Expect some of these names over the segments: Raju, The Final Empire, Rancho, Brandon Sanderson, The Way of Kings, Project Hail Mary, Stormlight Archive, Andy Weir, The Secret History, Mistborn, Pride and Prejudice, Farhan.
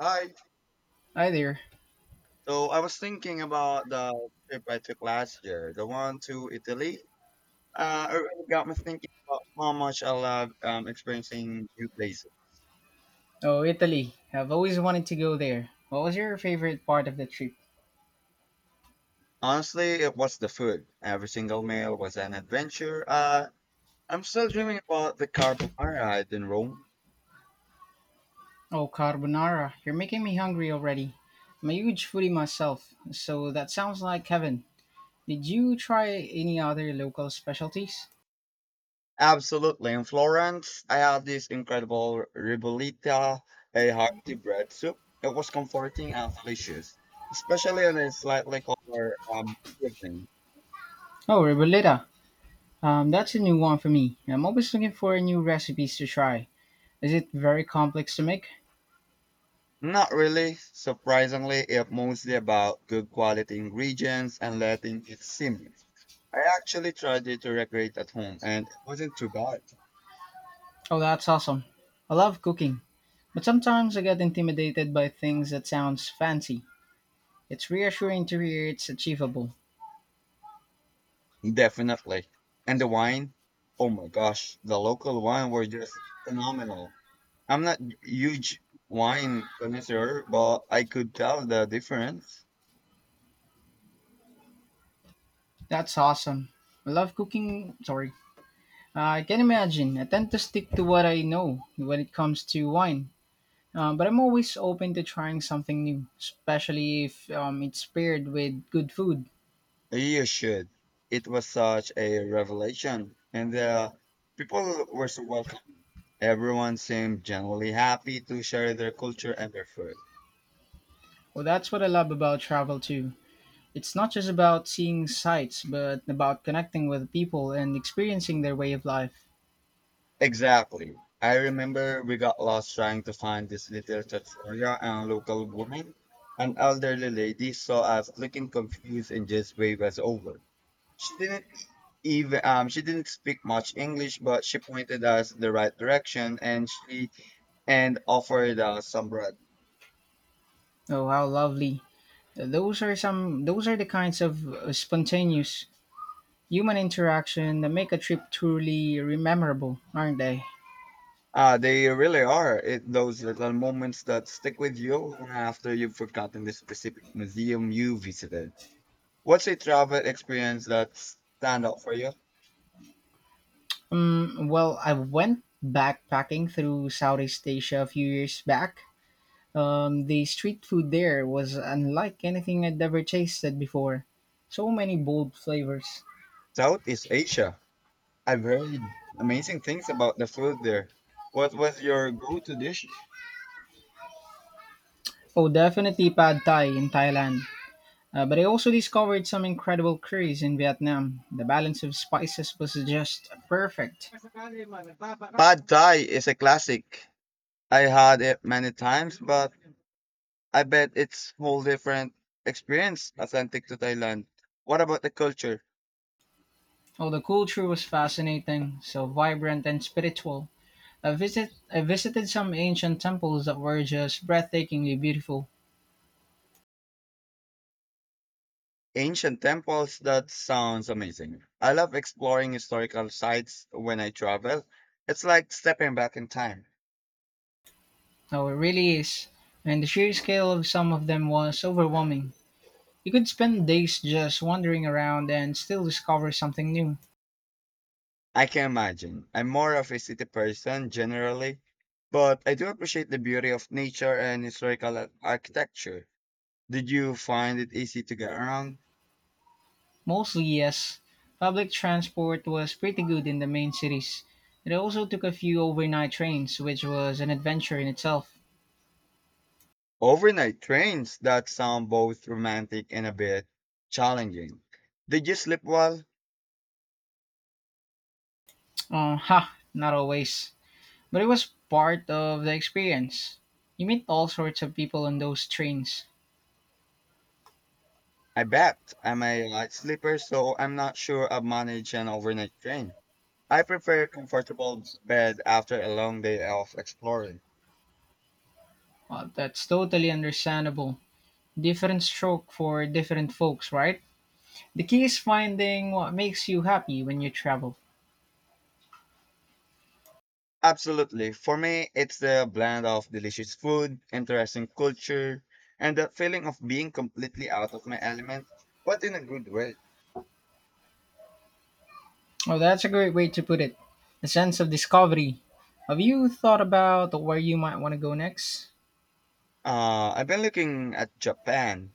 Hi. Hi there. So I was thinking about the trip I took last year, the one to Italy. It really got me thinking about how much I love experiencing new places. Oh, Italy. I've always wanted to go there. What was your favorite part of the trip? Honestly, it was the food. Every single meal was an adventure. I'm still dreaming about the carbonara I had in Rome. Oh, carbonara. You're making me hungry already. I'm a huge foodie myself, so that sounds like heaven. Did you try any other local specialties? Absolutely. In Florence, I had this incredible ribollita, a hearty bread soup. It was comforting and delicious, especially on a slightly colder evening. Oh, ribollita. That's a new one for me. I'm always looking for new recipes to try. Is it very complex to make? Not really. Surprisingly, it's mostly about good quality ingredients and letting it simmer. I actually tried it to recreate at home and it wasn't too bad. Oh, that's awesome. I love cooking, but sometimes I get intimidated by things that sounds fancy. It's reassuring to hear it's achievable. Definitely. And the wine? Oh my gosh, the local wine were just phenomenal. I'm not huge wine connoisseur, but I could tell the difference. That's awesome. I love cooking. Sorry. I can imagine. I tend to stick to what I know when it comes to wine. But I'm always open to trying something new, especially if it's paired with good food. You should. It was such a revelation, and the people were so welcoming. Everyone seemed genuinely happy to share their culture and their food. Well, that's what I love about travel too. It's not just about seeing sights, but about connecting with people and experiencing their way of life. Exactly. I remember we got lost trying to find this little trattoria, and a local woman, an elderly lady, saw us looking confused and just waved us over. She didn't she didn't speak much English, but she pointed us the right direction, and offered us some bread. Oh, how lovely. Those are the kinds of spontaneous human interaction that make a trip truly memorable, aren't they? They really are it, those little moments that stick with you even after you've forgotten the specific museum you visited. What's a travel experience that stand out for you? Well, I went backpacking through Southeast Asia a few years back. The street food there was unlike anything I'd ever tasted before. So many bold flavors. Southeast Asia. I've heard amazing things about the food there. What was your go-to dish? Oh, definitely pad thai in Thailand. But I also discovered some incredible curries in Vietnam. The balance of spices was just perfect. Pad Thai is a classic. I had it many times, but I bet it's whole different experience authentic to Thailand. What about the culture? Oh, the culture was fascinating, so vibrant and spiritual. I visited some ancient temples that were just breathtakingly beautiful. Ancient temples, that sounds amazing. I love exploring historical sites when I travel. It's like stepping back in time. No, it really is. And the sheer scale of some of them was overwhelming. You could spend days just wandering around and still discover something new. I can imagine. I'm more of a city person generally, but I do appreciate the beauty of nature and historical architecture. Did you find it easy to get around? Mostly, yes. Public transport was pretty good in the main cities. It also took a few overnight trains, which was an adventure in itself. Overnight trains that sound both romantic and a bit challenging. Did you sleep well? Not always. But it was part of the experience. You meet all sorts of people on those trains. I bet. I'm a light sleeper, so I'm not sure I've managed an overnight train. I prefer a comfortable bed after a long day of exploring. Well, that's totally understandable. Different stroke for different folks, right? The key is finding what makes you happy when you travel. Absolutely. For me, it's the blend of delicious food, interesting culture, and the feeling of being completely out of my element, but in a good way. Oh, that's a great way to put it. A sense of discovery. Have you thought about where you might want to go next? I've been looking at Japan.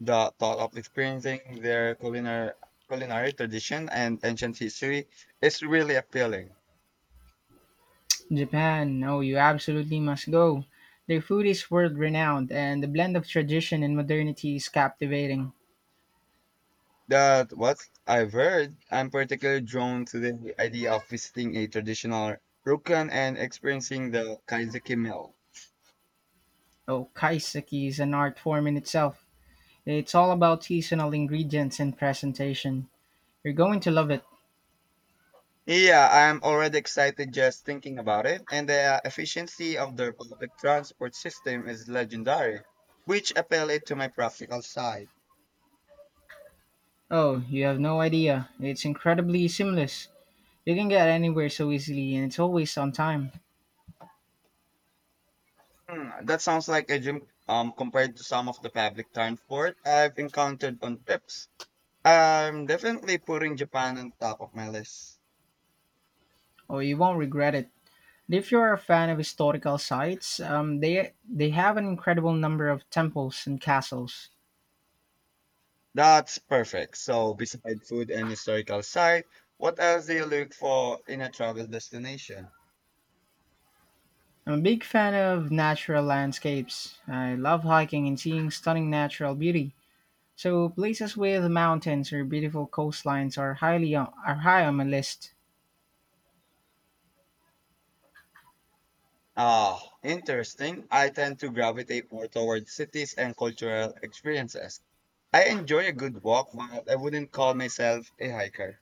The thought of experiencing their culinary tradition and ancient history is really appealing. Japan. Oh, you absolutely must go. Their food is world renowned, and the blend of tradition and modernity is captivating. That what I've heard, I'm particularly drawn to the idea of visiting a traditional ryokan and experiencing the kaiseki meal. Oh, kaiseki is an art form in itself. It's all about seasonal ingredients and presentation. You're going to love it. Yeah, I'm already excited just thinking about it, and the efficiency of their public transport system is legendary, which appeal it to my practical side. Oh, you have no idea. It's incredibly seamless. You can get anywhere so easily and it's always on time, Hmm, that sounds like a gym compared to some of the public transport I've encountered on trips. I'm definitely putting Japan on top of my list. or you won't regret it. If you're a fan of historical sites, they have an incredible number of temples and castles. That's perfect. So, beside food and historical site, what else do you look for in a travel destination? I'm a big fan of natural landscapes. I love hiking and seeing stunning natural beauty. So places with mountains or beautiful coastlines are high on my list. Ah, interesting. I tend to gravitate more towards cities and cultural experiences. I enjoy a good walk, but I wouldn't call myself a hiker.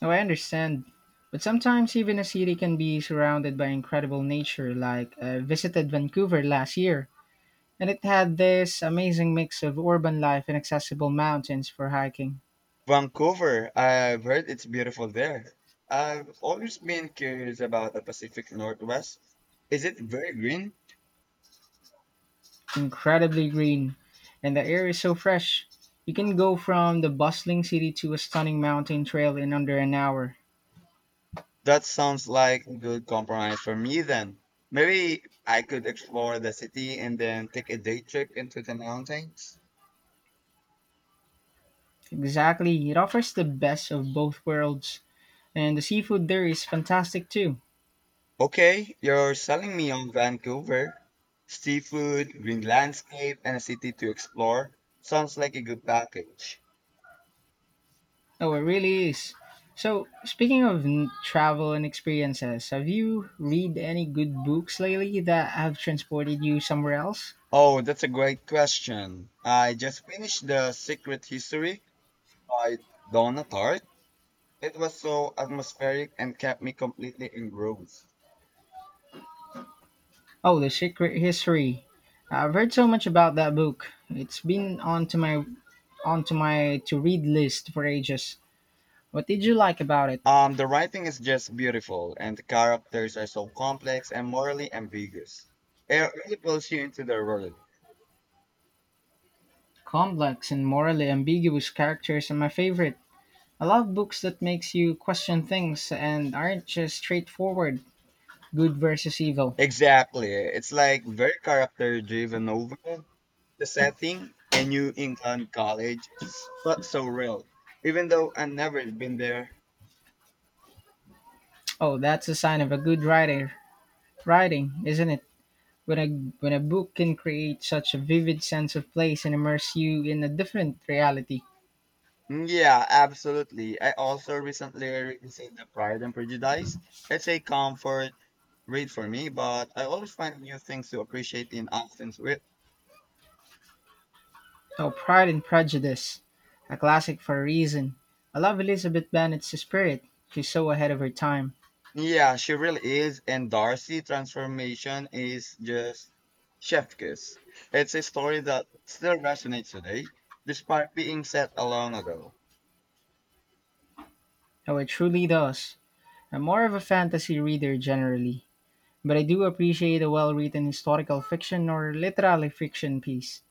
Now I understand, but sometimes even a city can be surrounded by incredible nature. Like I visited Vancouver last year, and it had this amazing mix of urban life and accessible mountains for hiking. Vancouver, I've heard it's beautiful there. I've always been curious about the Pacific Northwest. Is it very green? Incredibly green, and the air is so fresh. You can go from the bustling city to a stunning mountain trail in under an hour. That sounds like a good compromise for me then. Maybe I could explore the city and then take a day trip into the mountains. Exactly, it offers the best of both worlds. And the seafood there is fantastic too. Okay, you're selling me on Vancouver. Seafood, green landscape, and a city to explore. Sounds like a good package. Oh, it really is. So, speaking of travel and experiences, have you read any good books lately that have transported you somewhere else? Oh, that's a great question. I just finished The Secret History by Donna Tartt. It was so atmospheric and kept me completely engrossed. Oh, The Secret History. I've heard so much about that book. It's been onto my to read list for ages. What did you like about it? The writing is just beautiful, and the characters are so complex and morally ambiguous. It really pulls you into their world. Complex and morally ambiguous characters are my favorite. I love books that makes you question things and aren't just straightforward good versus evil. Exactly. It's like very character driven over the setting and New England college. But so real, even though I've never been there. Oh, that's a sign of a good writer. Writing, isn't it? When a when a book can create such a vivid sense of place and immerse you in a different reality. Yeah, absolutely. I also recently revisited The Pride and Prejudice. It's a comfort read for me, but I always find new things to appreciate in Austin's. Oh, Pride and Prejudice. A classic for a reason. I love Elizabeth Bennet's spirit. She's so ahead of her time. Yeah, she really is. And Darcy transformation is just chef kiss. It's a story that still resonates today, despite being set a long ago. Oh, it truly does. I'm more of a fantasy reader generally, but I do appreciate a well written historical fiction or literary fiction piece.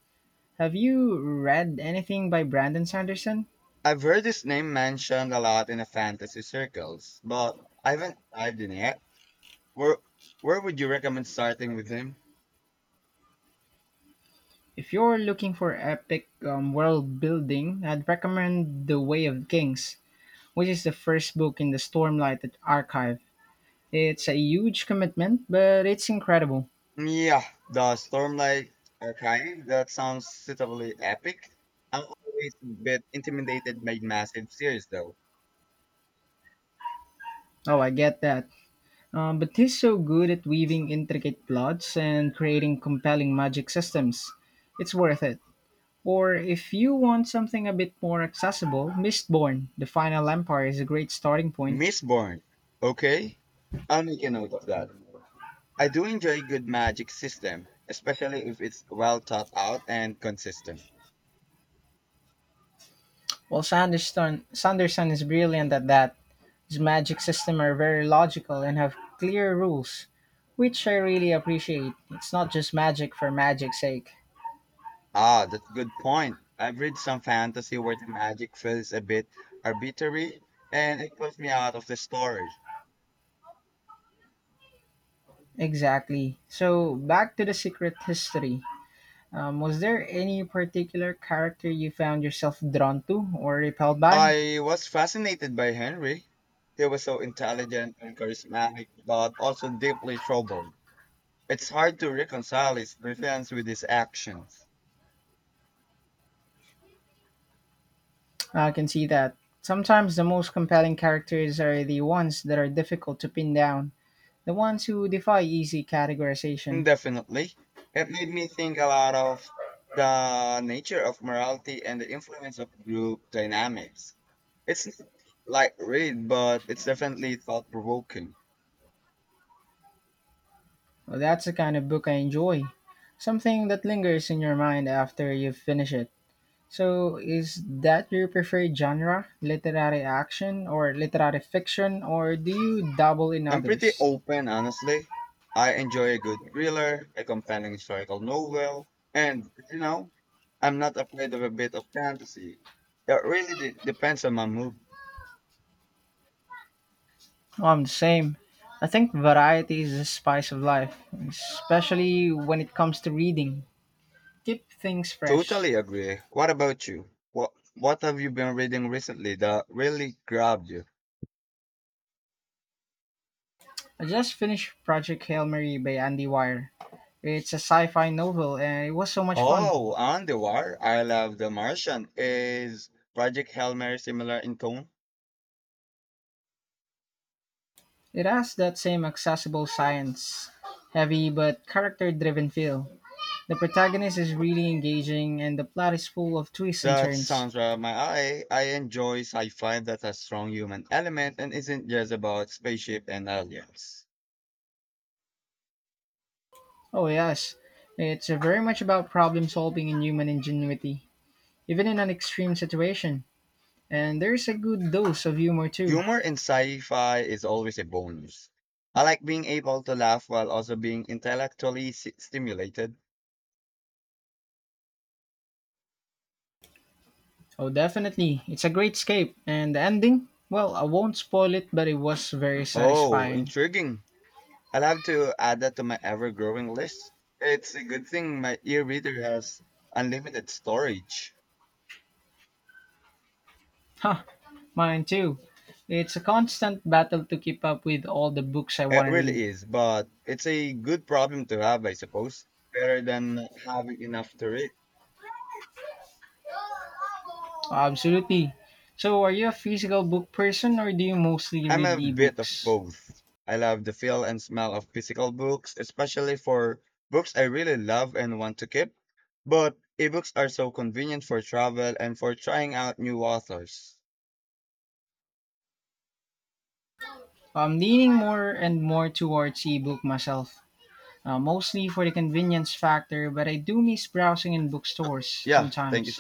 Have you read anything by Brandon Sanderson? I've heard this name mentioned a lot in the fantasy circles, but I haven't dived in yet. Where where would you recommend starting with him? If you're looking for epic world building, I'd recommend The Way of Kings, which is the first book in the Stormlight Archive. It's a huge commitment, but it's incredible. Yeah, the Stormlight Archive. That sounds suitably epic. I'm always a bit intimidated by massive series though. Oh, I get that. But he's so good at weaving intricate plots and creating compelling magic systems. It's worth it. Or if you want something a bit more accessible, Mistborn, The Final Empire is a great starting point. Mistborn. Okay, I'll make a note of that. I do enjoy a good magic system, especially if it's well thought out and consistent. While Sanderson is brilliant at that, his magic systems are very logical and have clear rules, which I really appreciate. It's not just magic for magic's sake. Ah, that's a good point. I've read some fantasy where the magic feels a bit arbitrary and it pulls me out of the story. Exactly. So back to the secret history. Was there any particular character you found yourself drawn to or repelled by? I was fascinated by Henry. He was so intelligent and charismatic, but also deeply troubled. It's hard to reconcile his brilliance with his actions. I can see that. Sometimes the most compelling characters are the ones that are difficult to pin down, the ones who defy easy categorization. Definitely. It made me think a lot of the nature of morality and the influence of group dynamics. It's not like read, but it's definitely thought provoking. Well, that's the kind of book I enjoy. Something that lingers in your mind after you finish it. So, is that your preferred genre? Literary action or literary fiction, or do you dabble in I'm pretty others? open, honestly. I enjoy a good thriller, a compelling historical novel, and, you know, I'm not afraid of a bit of fantasy. It really depends on my mood. No, I'm the same. I think variety is the spice of life, especially when it comes to reading. Keep things fresh. Totally agree. What about you? What have you been reading recently that really grabbed you? I just finished Project Hail Mary by Andy Weir. It's a sci fi novel and it was so much fun. Oh, on the war. I love The Martian. Is Project Hail Mary similar in tone? It has that same accessible science, heavy but character driven feel. The protagonist is really engaging and the plot is full of twists and That turns. sounds right up my eye. I enjoy sci-fi that has strong human element and isn't just about spaceship and aliens. Oh, yes, it's very much about problem solving and human ingenuity, even in an extreme situation. And there's a good dose of humor too. Humor in sci-fi is always a bonus. I like being able to laugh while also being intellectually stimulated. Oh, definitely. It's a great escape. And the ending? Well, I won't spoil it, but it was very Oh, satisfying. intriguing. I'll have to add that to my ever-growing list. It's a good thing my e-reader has unlimited storage. Huh, mine too. It's a constant battle to keep up with all the books I It want to read. really is, but it's a good problem to have, I suppose, better than having enough to read. Absolutely. So, are you a physical book person or do you mostly I'm read a bit of ebooks? both. I love the feel and smell of physical books, especially for books I really love and want to keep. But ebooks are so convenient for travel and for trying out new authors. I'm leaning more and more towards ebook myself, mostly for the convenience factor, but I do miss browsing in bookstores Yeah, thank you so sometimes.